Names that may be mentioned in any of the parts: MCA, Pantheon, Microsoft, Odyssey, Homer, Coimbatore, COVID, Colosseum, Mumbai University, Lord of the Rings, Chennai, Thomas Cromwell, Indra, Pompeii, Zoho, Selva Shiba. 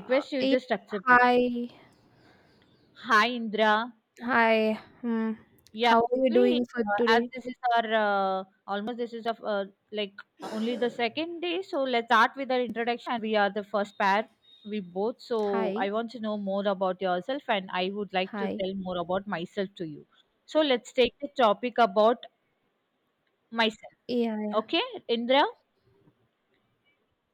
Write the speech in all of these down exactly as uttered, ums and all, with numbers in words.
Request, you Hey, just accept it. hi, Hi, Indra. hi. Hmm. Yeah, How are you actually, doing for uh, as today? this is our uh, almost this is of uh, like only the second day, so let's start with our introduction. And we are the first pair, we both. So I Hi, want to know more about yourself, and I would like to hi. tell more about myself to you. So let's take the topic about myself. Yeah. Okay, Indra.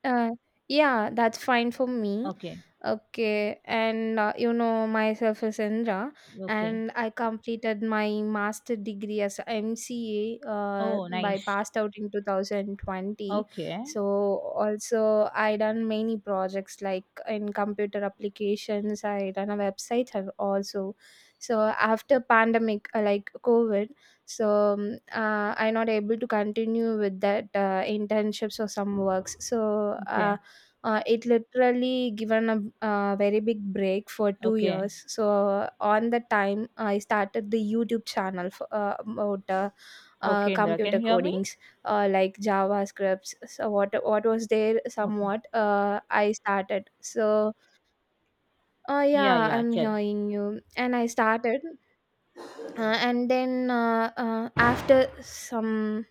Uh, yeah, that's fine for me. Okay, Okay, and uh, you know myself is Indra, okay. and I completed my master degree as M C A, uh, Oh, by nice. passed out in twenty twenty. Okay, So also I done many projects like in computer applications. I done a website and also. So after pandemic, uh, like COVID, so um, uh, I'm not able to continue with that uh, internships or some works so uh, okay, uh, it literally given a, uh very big break for two okay, years So on the time I started the youtube channel for uh, about uh, uh, okay. Indra, can computer you hear me? codings, uh, like javascripts. So what what was there Okay. somewhat, uh, I started. So uh, Yeah, yeah, yeah. I'm Chill. hearing you, and I started. Uh, and then uh, uh, after some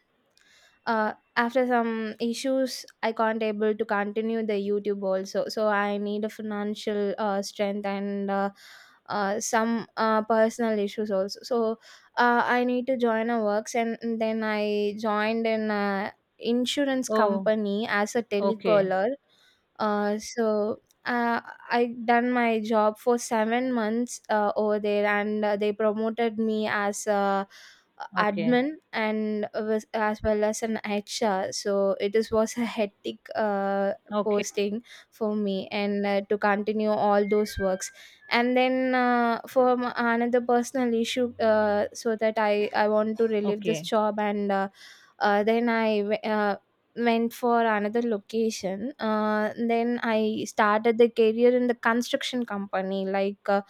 uh, After some issues I can't able to continue the youtube also, so I need a financial uh, strength and uh, uh, some uh, personal issues also. So uh, I need to join a works, and then I joined an, uh, insurance Oh. company as a Okay, telecaller. uh, so uh, I done my job for seven months uh, over there, and uh, they promoted me as a okay, admin and was- as well as an H R. So it is, was a hectic uh, okay, posting for me, and uh, to continue all those works. And then, uh, for m- another personal issue, uh, so that I I want to relieve this okay, job. And. Uh, uh, then I w- uh, went for another location. Uh, then I started the career in the construction company, like uh,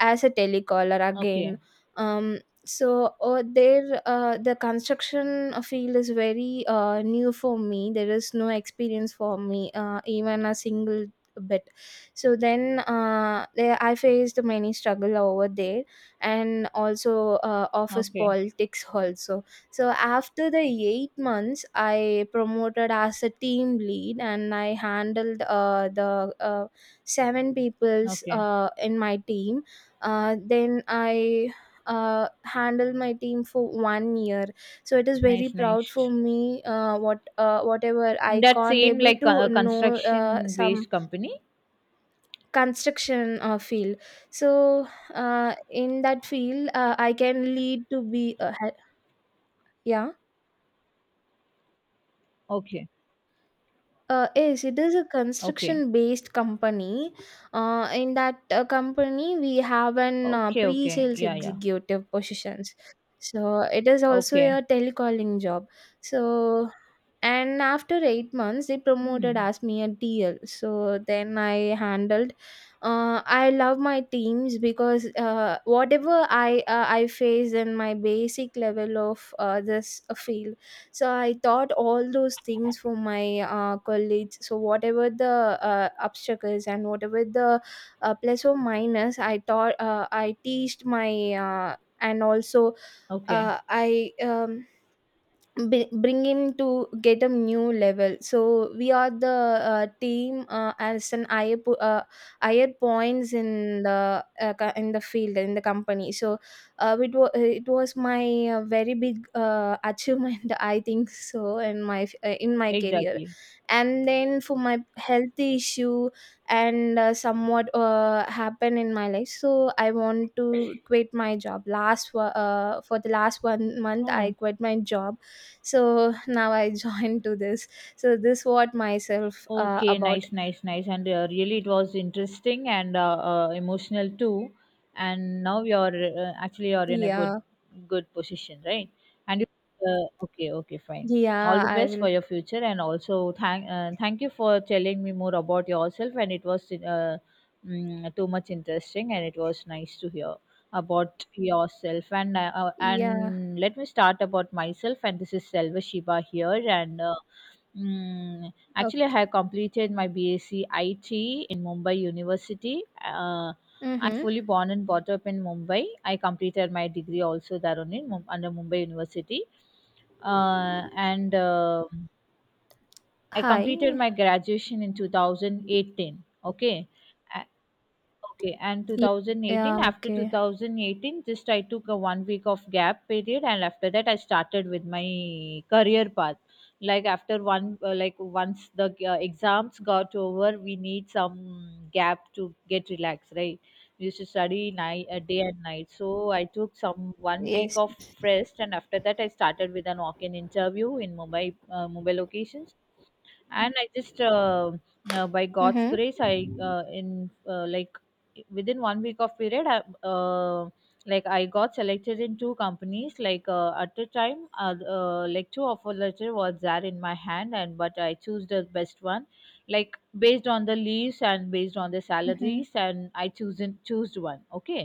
as a telecaller okay, again. Um, so uh, there, uh, the construction field is very uh, new for me. There is no experience for me, uh, even a single bit. So then uh, there I faced many struggle over there, and also uh, office okay, politics also. So after the eight months, I promoted as a team lead, and I handled uh, the uh, seven people's okay. uh, in my team. Uh, then I uh, handled my team for one year. So it is very Nice, proud nice. for me. Uh, what uh, whatever In I that can't same able like to uh, know uh, construction some based company? construction uh, field. So uh, in that field, uh, I can lead to be uh, he- yeah. Okay, Uh, yes, it is a okay, construction-based company. Uh, in that uh, company, we have an uh, okay, okay. pre-sales Yeah, yeah. executive positions. So it is also Okay. a telecalling job. So and after eight months, they promoted Hmm. as me a D L. So then I handled. Uh, I love my teams because uh, whatever I uh, I faced in my basic level of uh, this uh, field, so I thought all those things for my uh, colleagues. So whatever the uh, obstacles and whatever the uh, plus or minus, I taught. Uh, I teached my uh, and also Okay. uh, I. Um, bri- bring him to get a new level. So we are the uh, team uh, as an higher, po- uh, higher points in the uh, co- in the field in the company. So uh, it, wa- it was my uh, very big uh, achievement I think so in my f- uh, in my career. Exactly. And then for my health issue and uh, somewhat uh, happened in my life, so I want to quit my job last wo- uh, for the last one month I Oh. quit my job. So now I joined to this. So this what myself uh, Okay, about. nice, nice, nice. And uh, really, it was interesting and uh, uh, emotional too. And now you're uh, actually you're in a Yeah. good, good position, right? And you, uh, okay, okay, fine. All Yeah, the I best for will. your future, and also thank uh, thank you for telling me more about yourself. And it was uh, mm, too much interesting, and it was nice to hear about yourself. And uh, uh, Yeah. and let me start about myself. And this is Selva Shiba here, and Uh, Mm, actually, I Okay. have completed my B S c I T in Mumbai University. Uh, I'm Mm-hmm. fully born and brought up in Mumbai. I completed my degree also there only in Mum- under Mumbai University, uh, and uh, I completed Hi. my graduation in two thousand eighteen. Okay, okay, and Ye- two thousand eighteen, Yeah, after okay. twenty eighteen, just I took a one week of gap period, and after that, I started with my career path. Like after one, uh, like once the uh, exams got over, we need some gap to get relaxed, right? We used to study night, uh, day and night. So I took some one week Yes. of rest, and after that, I started with an walk-in interview in Mumbai, uh, Mumbai locations, and I just uh, uh, by God's Mm-hmm. grace I uh, in uh, like within one week of period I, uh, like I got selected in two companies like uh, at the time uh, uh, like two offer letter was there in my hand, and but I choose the best one like based on the leaves and based on the Mm-hmm. salaries, and I chosen choose one. Okay,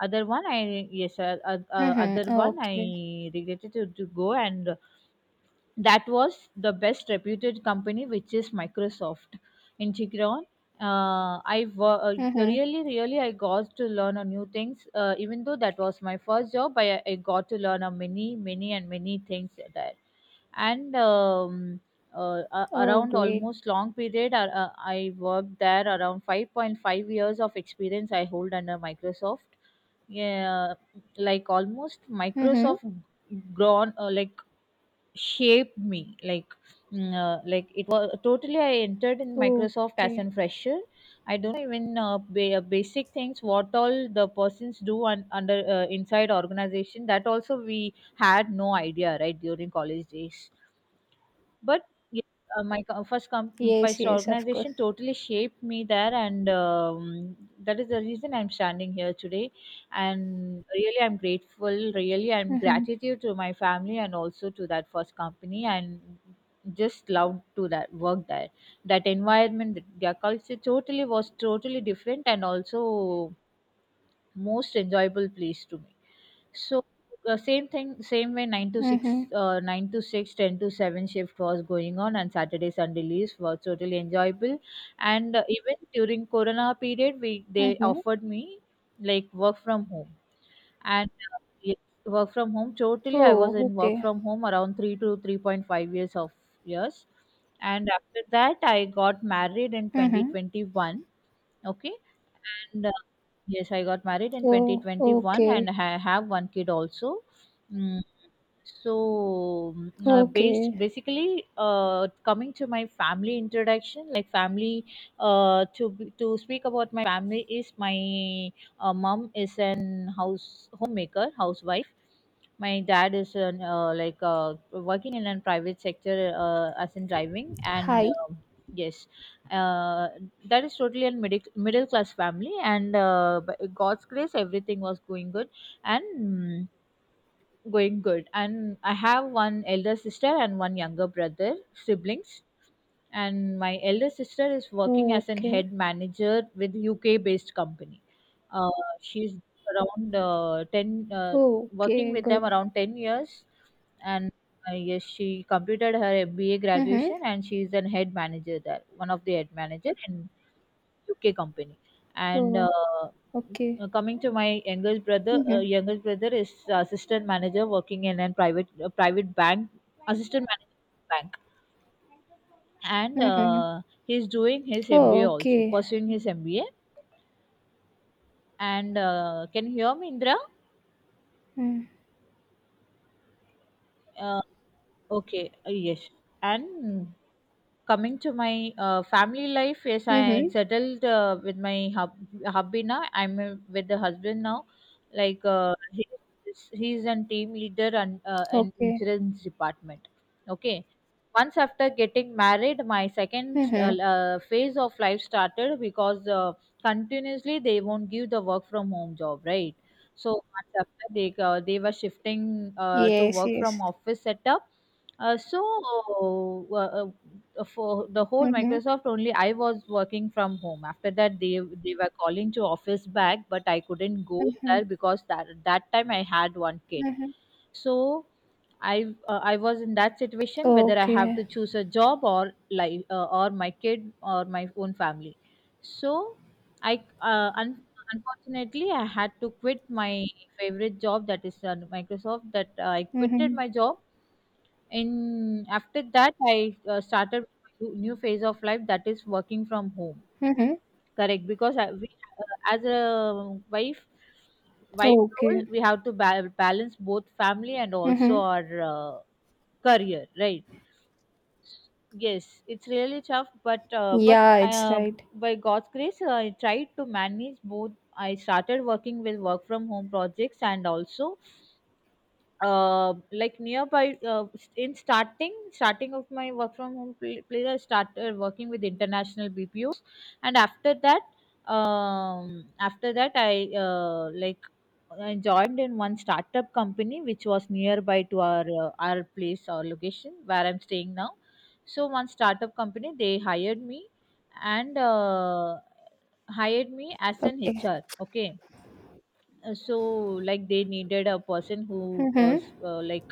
other one I, yes, uh, uh, uh, Mm-hmm. other one I Okay. regretted to, to go, and that was the best reputed company which is Microsoft in Chikron. uh, i wo- uh, Mm-hmm. Really, really I got to learn a new things. Uh, even though that was my first job, I, I got to learn a many many and many things there. And um, uh, a- Oh, around great. almost long period, uh, uh, I worked there around five point five years of experience I hold under Microsoft. Yeah, like almost Mm-hmm. Microsoft grown, uh, like shaped me like, mm, uh, like it was totally I entered in Microsoft as a Okay. fresher. I don't know even uh, ba- uh, basic things what all the persons do un- under uh, inside organization, that also we had no idea, right, during college days. But yes, uh, my co- first com- Yes, first yes, of course. organization totally shaped me there, and um, that is the reason I'm standing here today. And really I'm grateful, really I'm Mm-hmm. gratitude to my family and also to that first company, and just love to that work there. That environment, th- their culture totally was totally different, and also most enjoyable place to me. So uh, same thing, same way, nine to six, Mm-hmm. uh, nine to six, ten to seven shift was going on, and Saturday Sunday leaves were totally enjoyable. And uh, even during Corona period, we they Mm-hmm. offered me like work from home. And uh, yes, work from home. Totally, I was Oh, in work okay. from home around three to three point five years of years, and after that, I got married in twenty Mm-hmm. twenty one. Okay, and yes, I got married in Oh, twenty twenty one, okay. and I have one kid also. Mm, so, mm, uh, based Okay. basically, uh, coming to my family introduction, like family, uh, to be- to speak about my family is my uh, mom is an house homemaker, housewife. My dad is an uh, like uh, working in a private sector, uh, as in driving. And Hi. um yes, uh, that is totally a middle middle class family. And uh, by God's grace, everything was going good, and mm, going good. And I have one elder sister and one younger brother, siblings. And my elder sister is working as an Okay. head manager with U K based company. Uh, she's around uh, ten, uh, working Okay. with them Good. around ten years. And uh, yes, she completed her M B A Mhm. graduation and she is an head manager there, one of the head manager in U K company. And uh, Oh, okay. uh, coming to my youngest brother, uh, Mhm. youngest brother is assistant manager working in a private a private bank, assistant manager bank, and Mhm. uh, he's doing his Oh, M B A also, okay. pursuing his M B A. And uh, can you hear me, Indra? Mm. Uh, okay, uh, yes. And coming to my uh, family life, yes, I Mhm. settled uh, with my hub, hubby now. I'm uh, with the husband now. Like, uh, he, he's a team leader and uh, an Okay. insurance department. Okay. Once after getting married, my second uh, Mhm. uh, phase of life started, because uh, continuously they won't give the work from home job, right? So months after they uh, they were shifting uh, to Yes, work from yes. office setup. Uh, so uh, uh, for the whole Mhm. Microsoft, only I was working from home. After that, they they were calling to office back, but I couldn't go Mhm. there because that that time I had one kid. Mhm. So I uh, I was in that situation whether I have to Okay. choose a job or life, uh, or my kid or my own family. So I uh, un- unfortunately I had to quit my favorite job, that is uh, Microsoft. That uh, I quitted Mhm. my job, and after that I uh, started new new phase of life, that is working from home. Mhm. Correct? Because I, we, uh, as a wife wife Okay. role we have to ba- balance both family and also Mhm. our uh, career, right? Yes, it's really tough, but uh, but Yeah, it's uh, right. by God's grace, uh, I tried to manage both. I started working with work from home projects, and also uh, like nearby, uh, in starting starting of my work from home pl- place, I started working with international bpos. And after that um, after that I, uh, like I joined in one startup company which was nearby to our uh, our place or location where I'm staying now. So one startup company they hired me, and uh, hired me as an Okay. HR. Okay. Uh, so like they needed a person who uh, Mhm. s- uh, like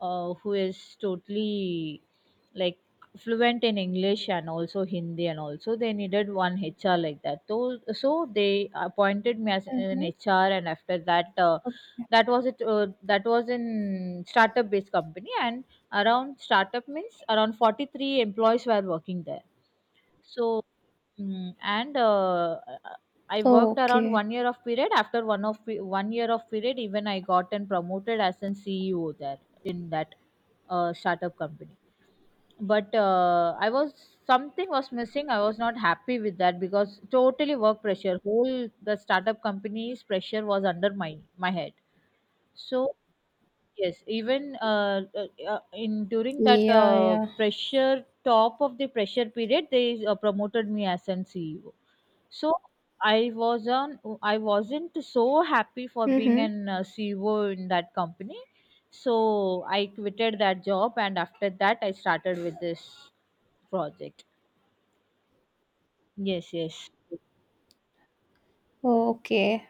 uh, who is totally like fluent in English and also Hindi, and also they needed one H R like that. So, so they appointed me as an Mhm. H R. And after that, uh, that was it, uh, that was in startup based company, and around startup means around forty-three employees were working there. So, Mm, and uh, I worked around Okay. one year of period. After one of pe- one year of period, even I got and promoted as an C E O there in that uh, startup company. But uh, I was something was missing. I was not happy with that because totally work pressure. Whole the startup company's pressure was under my my head. So yes, even uh, uh, uh, in during that Yeah, uh, yeah. pressure, top of the pressure period, they uh, promoted me as an C E O. So I was on I wasn't so happy for being Mhm. an uh, C E O in that company. So I quitted that job, and after that I started with this project. Yes, yes. Okay.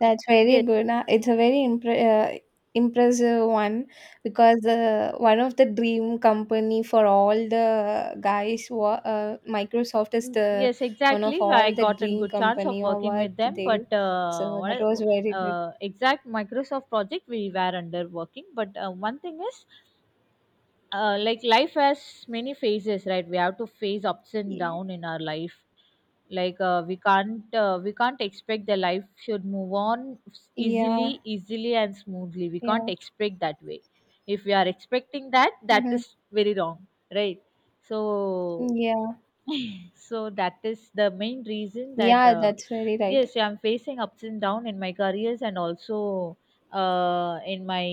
That's very Yes, good. Uh, It's a very impre- uh, impressive one, because uh, one of the dream company for all the guys, wa- uh, Microsoft is mm, the yes, one of exactly. I all the got a dream good chance of company or working what with them, there. but uh, So what that was very I- good. uh, exact Microsoft project we were under working. But uh, one thing is, uh, like life has many phases, right? We have to face ups and Yeah, down in our life. Like, uh, we can't uh, we can't expect the life should move on easily, yeah, easily and smoothly, we can't yeah, expect that way. If we are expecting that, that Mhm. is very wrong, right? So yeah, so that is the main reason that, yeah. uh, That's very right. yes I'm facing ups and down in my careers and also, uh, in my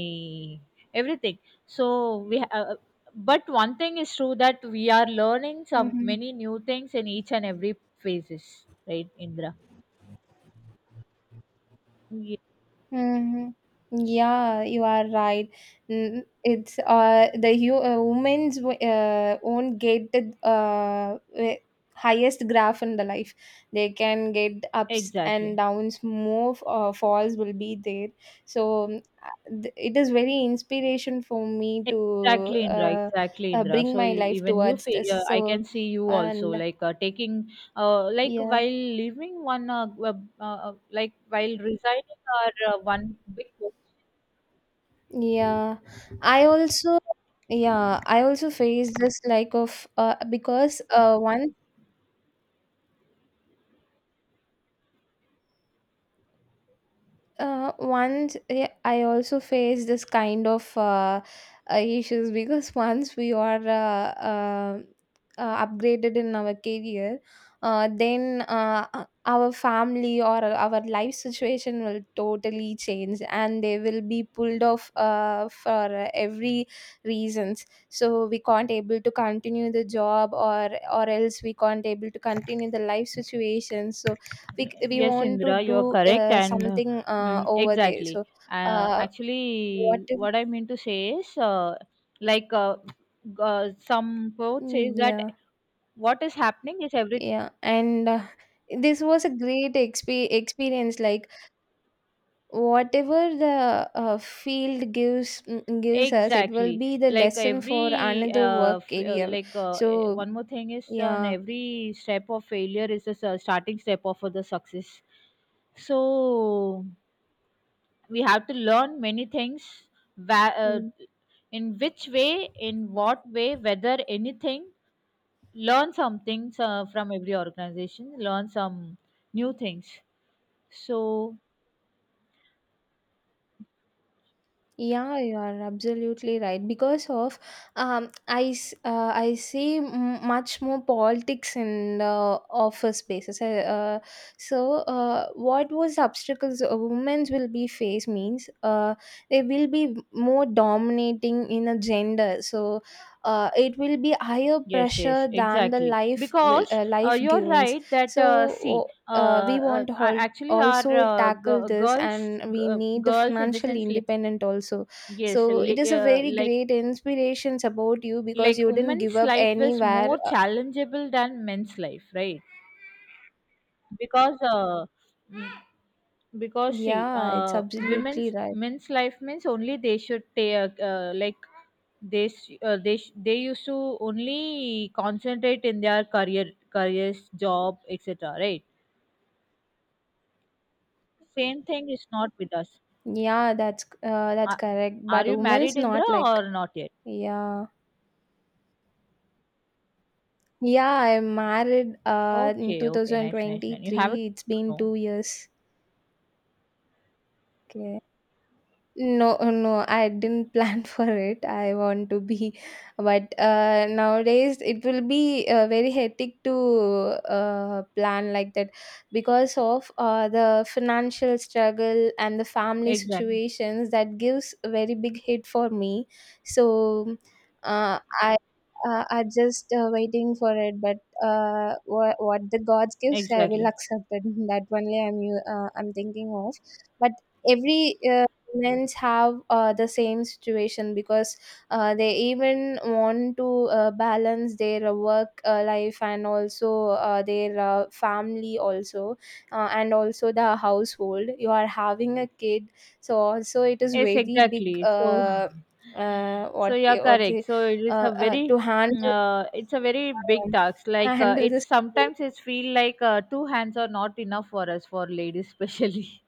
everything. So we ha- uh, but one thing is true that we are learning some Mhm. many new things in each and every phases, right, Indra? Yeah, Mhm. Yeah, you are right. Mm, It's uh the hu- uh, women's w- uh, won't get the uh eh, highest graph in the life. They can get ups and exactly. downs. More f- uh, falls will be there. So mm, uh, th- it is very inspiration for me to Exactly, Indra. uh, Exactly, uh Indra. bring So my e- life even you, towards fe- this. uh, I So can see you also and like uh, taking, uh, like yeah. while leaving one, uh, uh, uh, like while resigning our uh, one big. Yeah, I also yeah, I also face this like of uh, because uh, one. Uh, once eh, I also faced this kind of uh, uh, issues because once we are uh, uh, uh, upgraded in our career, uh, then uh, uh, our family or our life situation will totally change and they will be pulled off uh, for uh, every reasons. So we can't able to continue the job, or or else we can't able to continue the life situation. So we c- we Yes, want to Indra, you are do correct, uh, and uh, something uh, mm, over there. exactly. So Uh, uh, what Actually, is what I mean to say is, uh, like, uh, uh, some quote says Mm, that yeah. what is happening is everything. Yeah, and uh, this was a great exp- experience, like whatever the uh, field gives, mm, gives us, it will Exactly. be the Like lesson for every, another uh, work f- uh, area. Like uh, eh, so one more thing is on yeah. every step of failure is a s- uh, starting step of the success. So we have to learn many things. Wha- uh, Mm. in which way, in what way, whether anything, learn something uh, from every organization. Learn some new things. So Yeah, you are absolutely right. Because of um, I s- uh, I see m- much more politics in the office spaces. I, Uh, so uh, what was obstacles a women's will be face means uh, they will be more dominating in a gender. So uh, it will be higher yes, yes, pressure than the exactly. life will, Because uh, uh, life you're givens. right that uh, see, So. Uh, Uh, we uh, want a- all actually, our also uh, tackle g- this, girls, and g- we uh, need the girls in the financial sense, li- independent also. yes, So it li- is a uh, very like great inspirations about you, because like you didn't give women's up life is anywhere. more Uh, challengeable than men's life, right? Because uh, m- because see, Yeah, it's uh, absolutely women's right. men's life means only they should take uh, like they s- uh, they sh- they used to only concentrate in their career careers job etc, right? Same thing is not with us. Yeah, that's uh, that's Are, correct, are but you married, women's not Indra, like. or not yet? Yeah. Yeah, I'm married uh in Okay, okay, nice, nice, nice. You have a two thousand twenty-three. It's been no? two years. Okay. No, no, I didn't plan for it. I want to be, but uh, nowadays it will be uh, very hectic to uh, plan like that, because of uh, the financial struggle and the family Exactly, situations that gives a very big hit for me. So uh, I uh, I just uh, waiting for it, but uh, what, what the gods gives, I will exactly. accept it. That only I'm u- uh, I'm thinking of, but every uh, Men's have uh, the same situation, because uh, they even want to uh, balance their uh, work uh, life and also uh, their uh, family also, uh, and also the household. You are having a kid, so also it is Yes, very big, exactly. So, uh, uh, so what yeah, what correct. they So it uh, is a uh, very, to handle. uh, it's a very big um, task. Like uh, Handle it's this. sometimes it's feel like uh, two hands are not enough for us for ladies especially.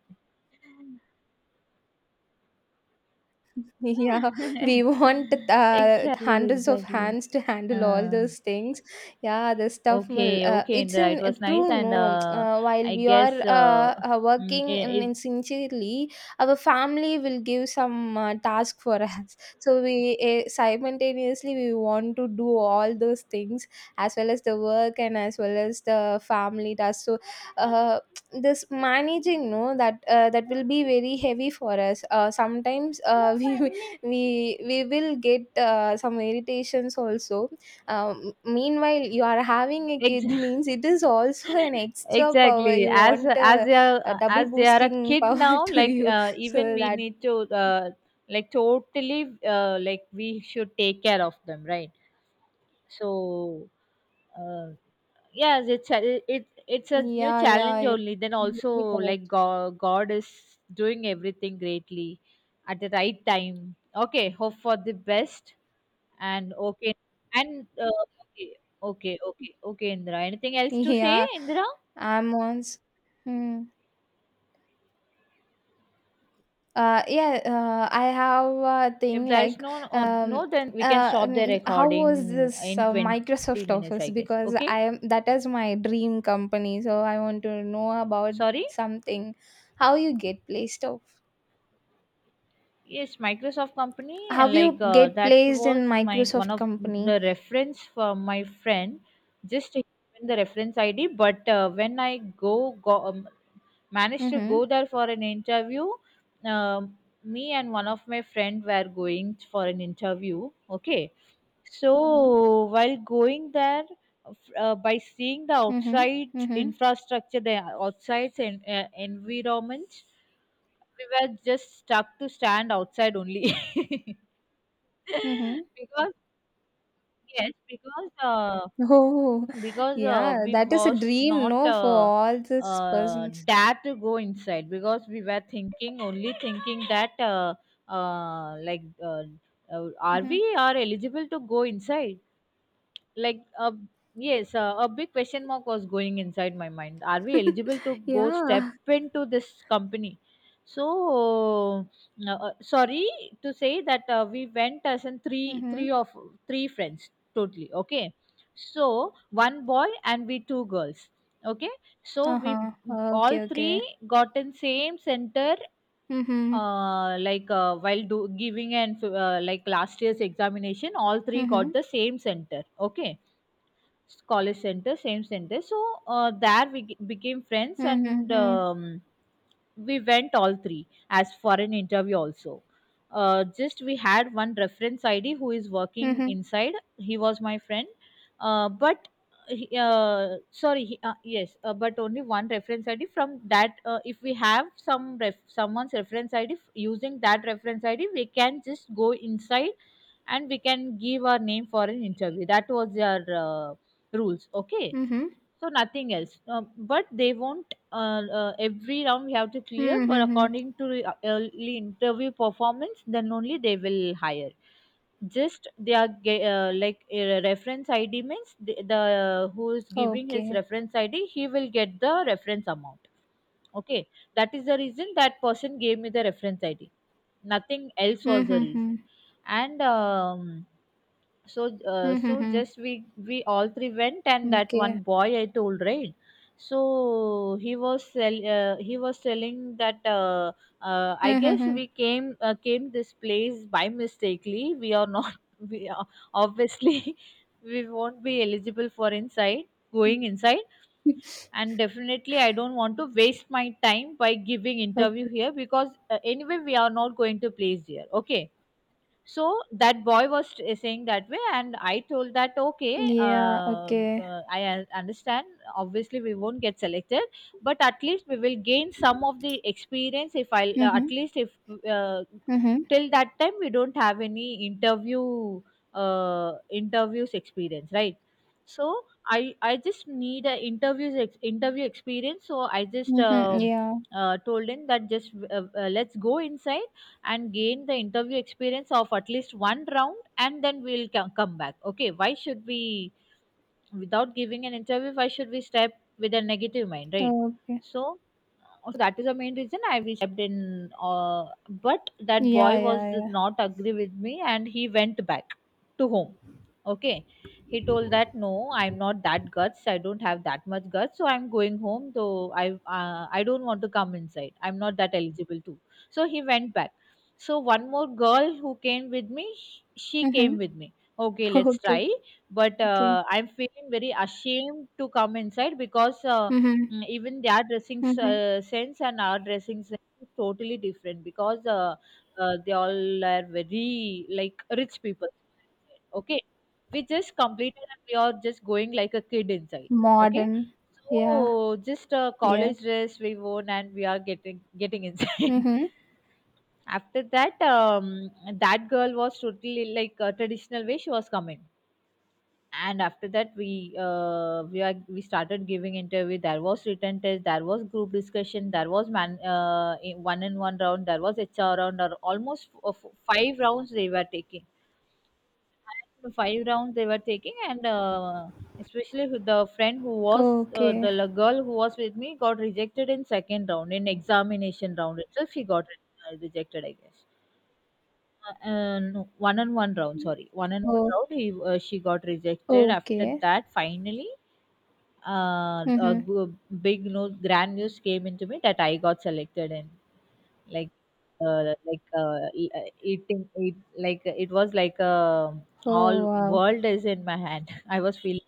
Yeah, we want uh, exactly, hundreds of exactly. hands to handle all Uh, those things. Yeah, the stuff will. Okay, Uh, okay, It's Indira, it in uh, was nice, true. and No, uh, uh, while I we are guess uh, uh, uh, mm, working in, it, in sincerely, our family will give some uh, task for us. So we uh, simultaneously we want to do all those things as well as the work and as well as the family task. So, uh, this managing, no, that uh, that will be very heavy for us, uh, sometimes uh, we we we will get uh, some irritations also. Um, meanwhile you are having a it, kid means it is also an extra power, exactly you as want as a, they a are double as they are a boosting kid power now. to Like you, uh, even so we that need to uh, like totally uh, like we should take care of them, right? So uh, yes, it's a, it it's a new yeah. Yeah, challenge you're only. Then also absolutely like correct. God, God is doing everything greatly at the right time. Okay, hope for the best. And okay, and uh, okay, okay, okay, okay, Indra. Anything else to say, Yeah, Indra? I'm on. Hmm. Uh, yeah, uh, I have a If thing, there is like no, uh, um, no, then we can uh, stop the mm, how was recording this in uh, twenty Microsoft minutes, I Office? guess. Because Okay, I am, that is my dream company, so I want to know about sorry. something. How you get placed off? Yes, Microsoft company, How and like you uh, get that placed in was my one Microsoft of company? the reference for my friend. Just given the reference I D, but uh, when I go, go um, managed to go Mm-hmm. there for an interview, um, me and one of my friend were going for an interview, okay. So while going there, uh, by seeing the Mm-hmm. outside Mm-hmm. infrastructure, the outside en- uh, environment, we were just stuck to stand outside only. Mm-hmm. Because yes, because uh, Oh, because uh, yeah, we that is a was dream, not no, for uh, all these uh, persons. dare to go inside because we were thinking only thinking that uh, uh, like uh, uh, are Mm-hmm. we are eligible to go inside, like uh, yes, uh, a big question mark was going inside my mind, are we eligible to go step Yeah. into this company. So uh, uh, sorry to say that uh, we went as in three Mm-hmm. three of three friends totally, okay. So one boy and we two girls, okay. So we Uh-huh. all Okay, three okay. got in same center, Mhm. uh, like uh, while do, giving and uh, like last year's examination all three got Mhm. the same center, okay. College center, same center. So uh, there we g- became friends, Mhm, and hmm. um, we went all three as for an interview also. Uh, just we had one reference id who is working Mhm. inside, he was my friend. Uh, but he- uh, sorry he, uh, yes uh, but only one reference id, from that uh, if we have some ref, someone's reference id, using that reference id we can just go inside and we can give our name for an interview. That was their uh, rules, okay. Mhm. So nothing else. Um, but they won't uh, uh, every round we have to clear, Mhm, but hmm. according to the, uh, early interview performance then only they will hire. Just they are ge- uh, like uh, reference id means the, the uh, who is giving his Okay. reference id, he will get the reference amount, okay. That is the reason that person gave me the reference id. Nothing else was the Mhm, reason. hmm. And um, so uh, so Mhm, just we we all three went. And hmm. that one Okay. boy I told, right? So he was sell, uh, he was telling that uh, uh, I Mhm, guess we hmm. came uh, came this place by mistakenly, we are not we are, obviously we won't be eligible for inside going inside, and definitely I don't want to waste my time by giving interview Okay. here because uh, anyway we are not going to place here, okay. So that boy was t- saying that way, and I told that okay, Yeah, uh, okay. uh, I un- understand obviously we won't get selected, but at least we will gain some of the experience if I uh, at Mhm. least if uh, Mhm. till that time we don't have any interview, uh, interviews experience, right? So i i just need a interviews ex- interview experience, so I just Mhm. um, Yeah. uh, told him that just uh, uh, let's go inside and gain the interview experience of at least one round, and then we'll co- come back, okay. Why should we, without giving an interview, why should we step with a negative mind, right? Okay. So so that is the main reason I stepped in. uh, but that boy Yeah, was yeah, yeah. not agree with me, and he went back to home, okay. He told that no, I'm not that guts, I don't have that much guts, so I'm going home, though I uh, I don't want to come inside, I'm not that eligible too. So he went back. So one more girl who came with me, she came Mhm. with me, okay let's try. Okay, But uh, okay. I'm feeling very ashamed to come inside because uh, Mhm. mm, even their dressing s- Mhm. uh, sense and our dressing sense is totally different, because uh, uh, they all are very like rich people, okay. We just completed and we are just going like a kid inside, okay. Modern. Yeah, So just a yeah. college dress we worn, and we are getting getting inside. Mhm. After that, um, that girl was totally like a traditional way, she was coming. And after that we uh, we are we started giving interview. There was written test, there was group discussion, there was man uh, one in one round, there was hr round, or almost f- uh, f- five rounds they were taking. So five rounds they were taking, and uh, especially with the friend who was uh, the Okay. la- girl who was with me, got rejected in second round, in examination round itself she got uh, rejected I guess. Uh, and one on one round, sorry one on one Oh, round, he uh, she got rejected. After okay. that finally uh, a Mhm. g- big news, grand news came into me that I got selected in. Like, uh, like uh, e- uh, eating, it, like it was like uh, Oh, all wow. world is in my hand. I was feeling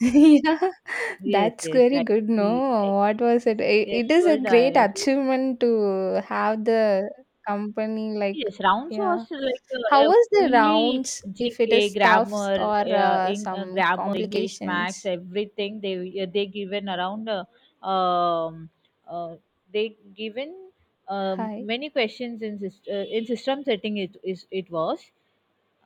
Yeah, yes, that's yes, very I, good. e- No, what was it? I- yes, It is a good. great I achievement to have the company like, yes, rounds yeah. was like How a, a was the fully rounds if it G K is stuffs grammar, or uh, uh, in, uh, some grammar, English, max, complications? everything. They uh, they given around. Uh, um, uh, they given, um, Hi. many questions in syst- uh, in system setting. It is it was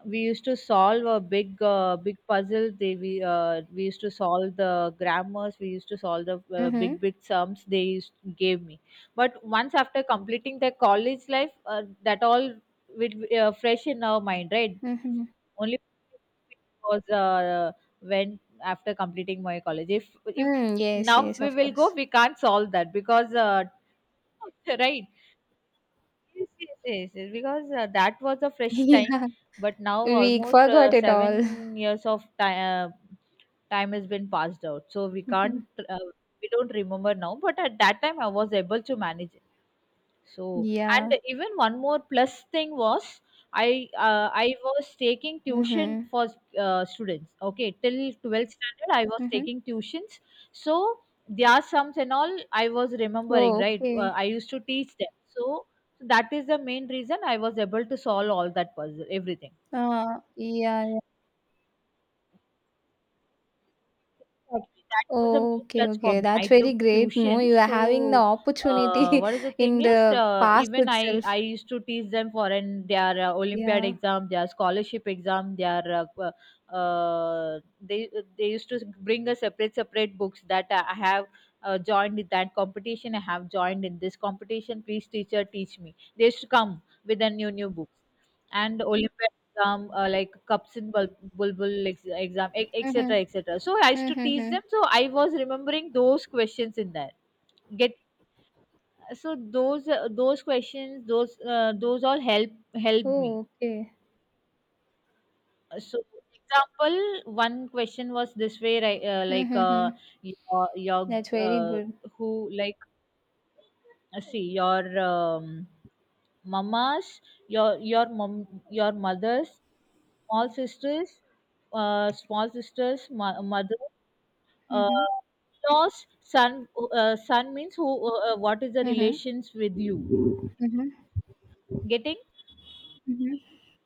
we used to solve a big uh, big puzzle, they we uh, we used to solve the grammars, we used to solve the uh, Mm-hmm. big big sums they used, gave me. But once after completing the college life, uh, that all with uh, fresh in our mind, right? Mm-hmm. Only because uh, when after completing my college, if if Mm, yes, now yes, we of will go course. we can't solve that because uh, right. Yes, yes, yes, yes, because uh, that was a fresh time, Yeah, but now we almost uh, forgot it all. seven years of time uh, time has been passed out, so we can't Mhm. uh, we don't remember now. But at that time, I was able to manage. So, and Yeah. even one more plus thing was, I uh, I was taking tuition Mm-hmm. for uh, students. Okay, till twelfth standard I was Mm-hmm. taking tuitions. So their sums and all I was remembering, Oh, right? Uh, okay. I used to teach them. So that is the main reason I was able to solve all that puzzle, everything. Uh, yeah, Exactly. That was a main okay, plus for okay. me. I That's very took great. No, tuition. you are having the So uh, opportunity what is the thing in is, the uh, past even I I itself. used to teach them for an their uh, Olympiad Yeah. exam, their scholarship exam, their uh, uh, they they used to bring a separate separate books that I have. Uh, joined in that competition. I have joined in this competition. Please, teacher, teach me. They should come with a new new books and Olympiad exam, uh, like cups in bul- bulbul ex- exam, e- et cetera, Mhm. et cetera. So I used to teach them. Mhm. So I was remembering those questions in there. Get so those uh, those questions, those uh, those all help help me. Oh, okay. So example, one question was this way, right? Uh, like uh, Mhm. your your That's very uh, good. who like uh, see your um, mamas, your your mom, your mothers, small sisters, uh, small sisters, mo- mother uh, Mhm. lost son, uh, son means who uh, uh, what is the Mhm. relations with you, Mhm. getting? Mhm.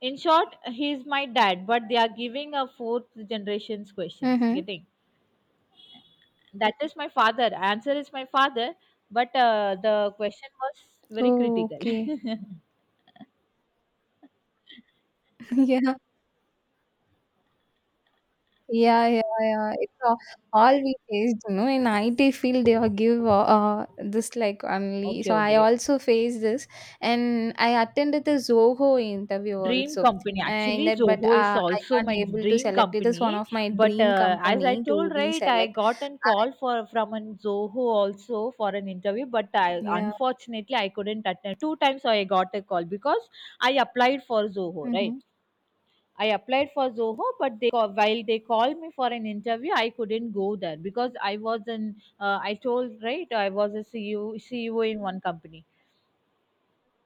In short he is my dad, but they are giving a fourth generations questions Mhm. getting. That is my father, answer is my father. But uh, the question was very Oh, critical. okay. Yeah. Yeah, yeah, yeah. It's all, all we faced, you know, in I T field they are give uh, uh, this like only. Okay, So I okay. also faced this, and I attended the Zoho interview Dream also. company. Uh, in Actually, that, but uh, Zoho is I also can't my able to dream select. It is one company. of my But dream uh, as I company to told, be right, I select. got a I, call for from a Zoho also for an interview. But I yeah. unfortunately I couldn't attend. Two times I got a call because I applied for Zoho, right? Mm-hmm. I applied for Zoho, but they ca- while they called me for an interview, I couldn't go there because I was an uh, I told right I was a C E O C E O in one company.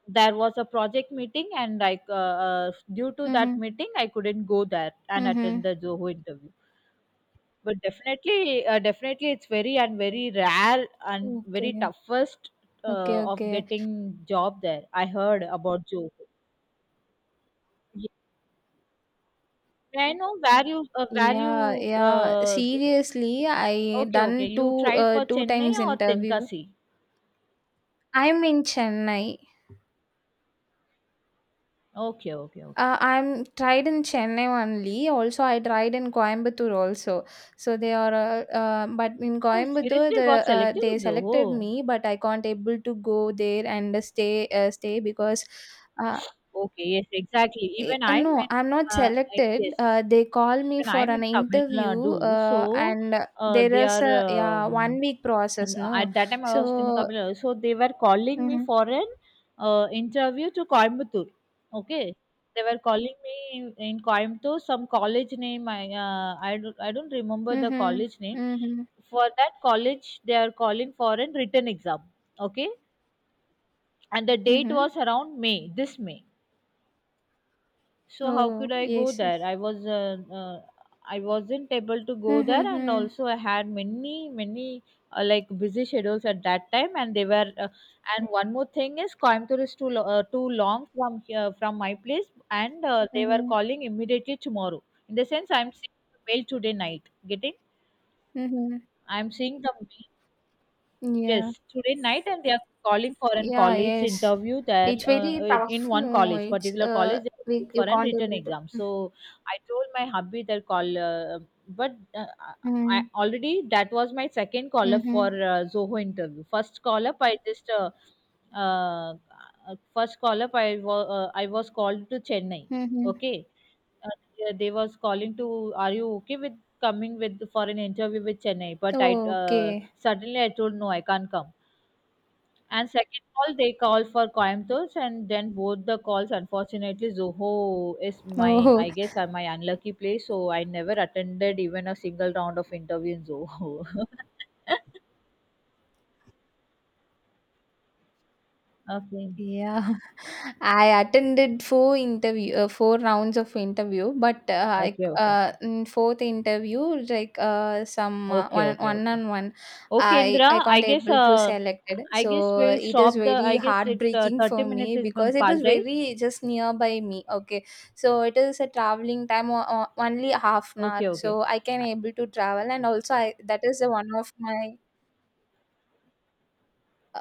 There was a project meeting and like uh, uh, due to that Mm-hmm. meeting I couldn't go there and attend Mm-hmm. the Zoho interview. But definitely uh, definitely it's very and very rare and very Okay. toughest uh, Okay, of okay. getting job there, I heard about Zoho. Ye- May I know where you uh, where Yeah, you yeah. uh, Seriously, I okay, okay, done you two tried uh, for two Chennai times or interview. Tenkasi? I'm in Chennai. Okay, okay, okay. Uh, I'm tried in Chennai only. Also, I tried in Coimbatore also. So they are, uh, uh, but in Oh Coimbatore, seriously, the got uh, selected they in selected Zoho. me, but I can't able to go there and stay uh, stay because, uh, Okay, yes, exactly. eh, Even uh, I'm no, in, I'm not uh, I- selected. yes, Uh, they call me even for I'm in an Tamil interview, Nadu. So uh, and uh, there they is are, a yeah one um, week process. and uh, No, at that time I was in so. Tamil Nadu. So they were calling me Mm-hmm, for an uh, interview to Coimbatore. Okay. They were calling me in, in Coimbatore, some college name. I, uh, I, don't, I don't remember the mm-hmm, college name. mm-hmm, For that college, they are calling for an written exam. Okay. And the date mm-hmm. was around May, this May. So how could Oh I go yes, there yes. i was uh, uh, i wasn't able to go Mm-hmm, there, and mm-hmm, also I had many many uh, like busy schedules at that time, and they were uh, and one more thing is Coimbatore is too, lo- uh, too long from here, from my place, and uh, they were mm-hmm. calling immediately tomorrow. In the sense I'm seeing the mail today night, getting, Mm-hmm. I'm seeing the Yeah. yes, today night, and they are calling for an Yeah, college yes. interview there It's uh, very in in tough. one No, college, it's particular uh college, they're we calling for you an can't written able exam. to. So I told my hubby that call, uh, but uh, I I- Mm. already that was my second call up for Hmm. uh, Zoho interview. First call up, I just uh, uh, first call up, I was uh, I was called to Chennai. Mm-hmm. Okay, uh, they they was calling to, are you okay with coming with for an interview with Chennai? But I uh, Okay. suddenly I told no, I can't come. And second call they called for Coimbatore, and then both the calls unfortunately Zoho is my, Oh. I guess uh, my unlucky place, so I never attended even a single round of interview in Zoho. Okay. Yeah, I attended four interview, uh, four rounds of interview, but uh, I, Okay, okay. uh, in fourth interview, like uh, some uh, Okay, one okay, one okay. on one, Okay, I Indra, I I can't guess able to uh select it. I guess So we'll it is stop the very I guess it uh, heartbreaking thirty for minutes me has been because it passed, was right? very just nearby me. Okay, so it is a traveling time o- o- only half an hour, Okay, okay. so I can Uh, able to travel, and also I that is the one of my uh,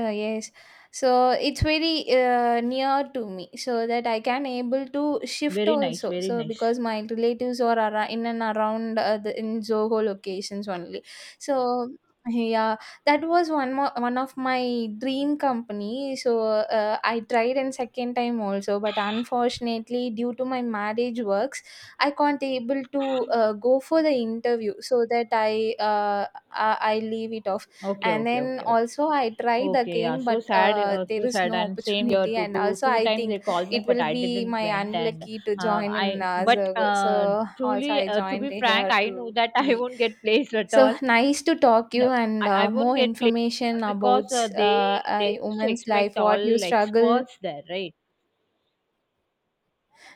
uh, yes, so it's very uh, near to me so that I can able to shift very nice, also, very so nice. because my relatives are ara- in and around uh, the in Zoho locations only. So yeah, that was one more one of my dream company. So uh, I tried in second time also, but unfortunately due to my marriage works I can't able to uh, go for the interview, so that i uh, i I leave it off. Okay, And okay, then okay, okay. also I tried Okay, yeah. again, So but sad, uh, uh, there so is sad. no And same here, opportunity. two, And two, also two I times they think called me, it but will I be didn't my went. And unlucky to uh, join in I, uh, but Zergo. uh, So also truly, I uh, to joined be frank, here I know to that I be. won't get placed at So all. nice to talk you No, and I, I uh, won't more get placed at all information about because uh, they uh, uh, they used to women's expect life, what you all struggle. experts there, right?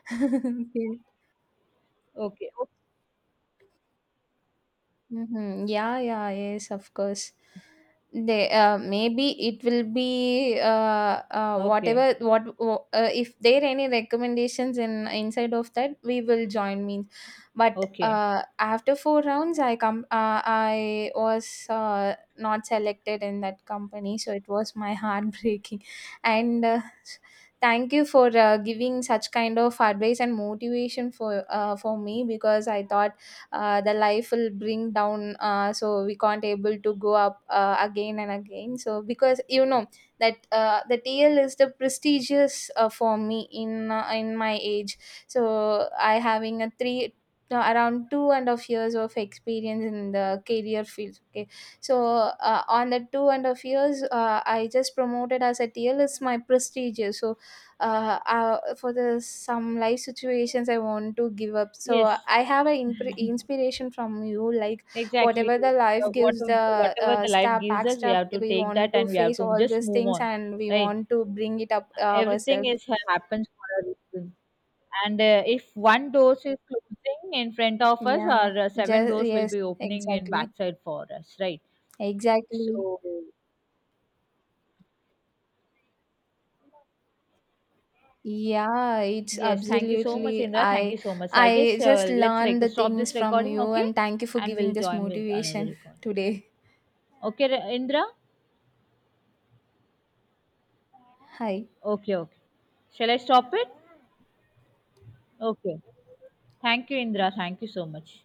Okay. Okay, o- Mhm. Yeah, yeah, yes, of course. They uh, maybe it will be uh, uh, okay, whatever what wh- uh, if there any recommendations in inside of that we will join means, but okay. uh, after four rounds I come uh, I was uh, not selected in that company, so it was my heartbreaking. And uh, thank you for uh, giving such kind of advice and motivation for uh, for me, because I thought uh, the life will bring down uh, so we can't able to go up uh, again and again, so because you know that uh, the T L is the prestigious uh, for me in uh, in my age. So I having a three, no, around two and a half years of experience in the career field. Okay, so uh, on the two and a half years uh, I just promoted as a T L is my prestigious. So uh, uh for the some life situations I want to give up, so Yes. I have an impre inspiration from you, like Exactly. whatever the Uh, life what, gives the whatever uh, the life step gives back us, we step, have to we take want that to and we have face to all just these move things on, and we right? want to bring it up uh, Everything ourselves. is happens for a reason. And uh, if one door is closing in front of us, Yeah, our uh, seven just doors will yes, be opening in exactly. backside for us, right? Exactly. So Yeah, it's yes, thank you so much, absolutely. Indra. Thank you i so much. So, I guess i just uh, let's learned rec- the stop things this from recording, you okay? and thank you for And giving we'll this join with another motivation recording. today. Okay, Re- Indra. Hi. Okay, okay. Shall I stop it? Okay. Thank you, Indra. Thank you so much.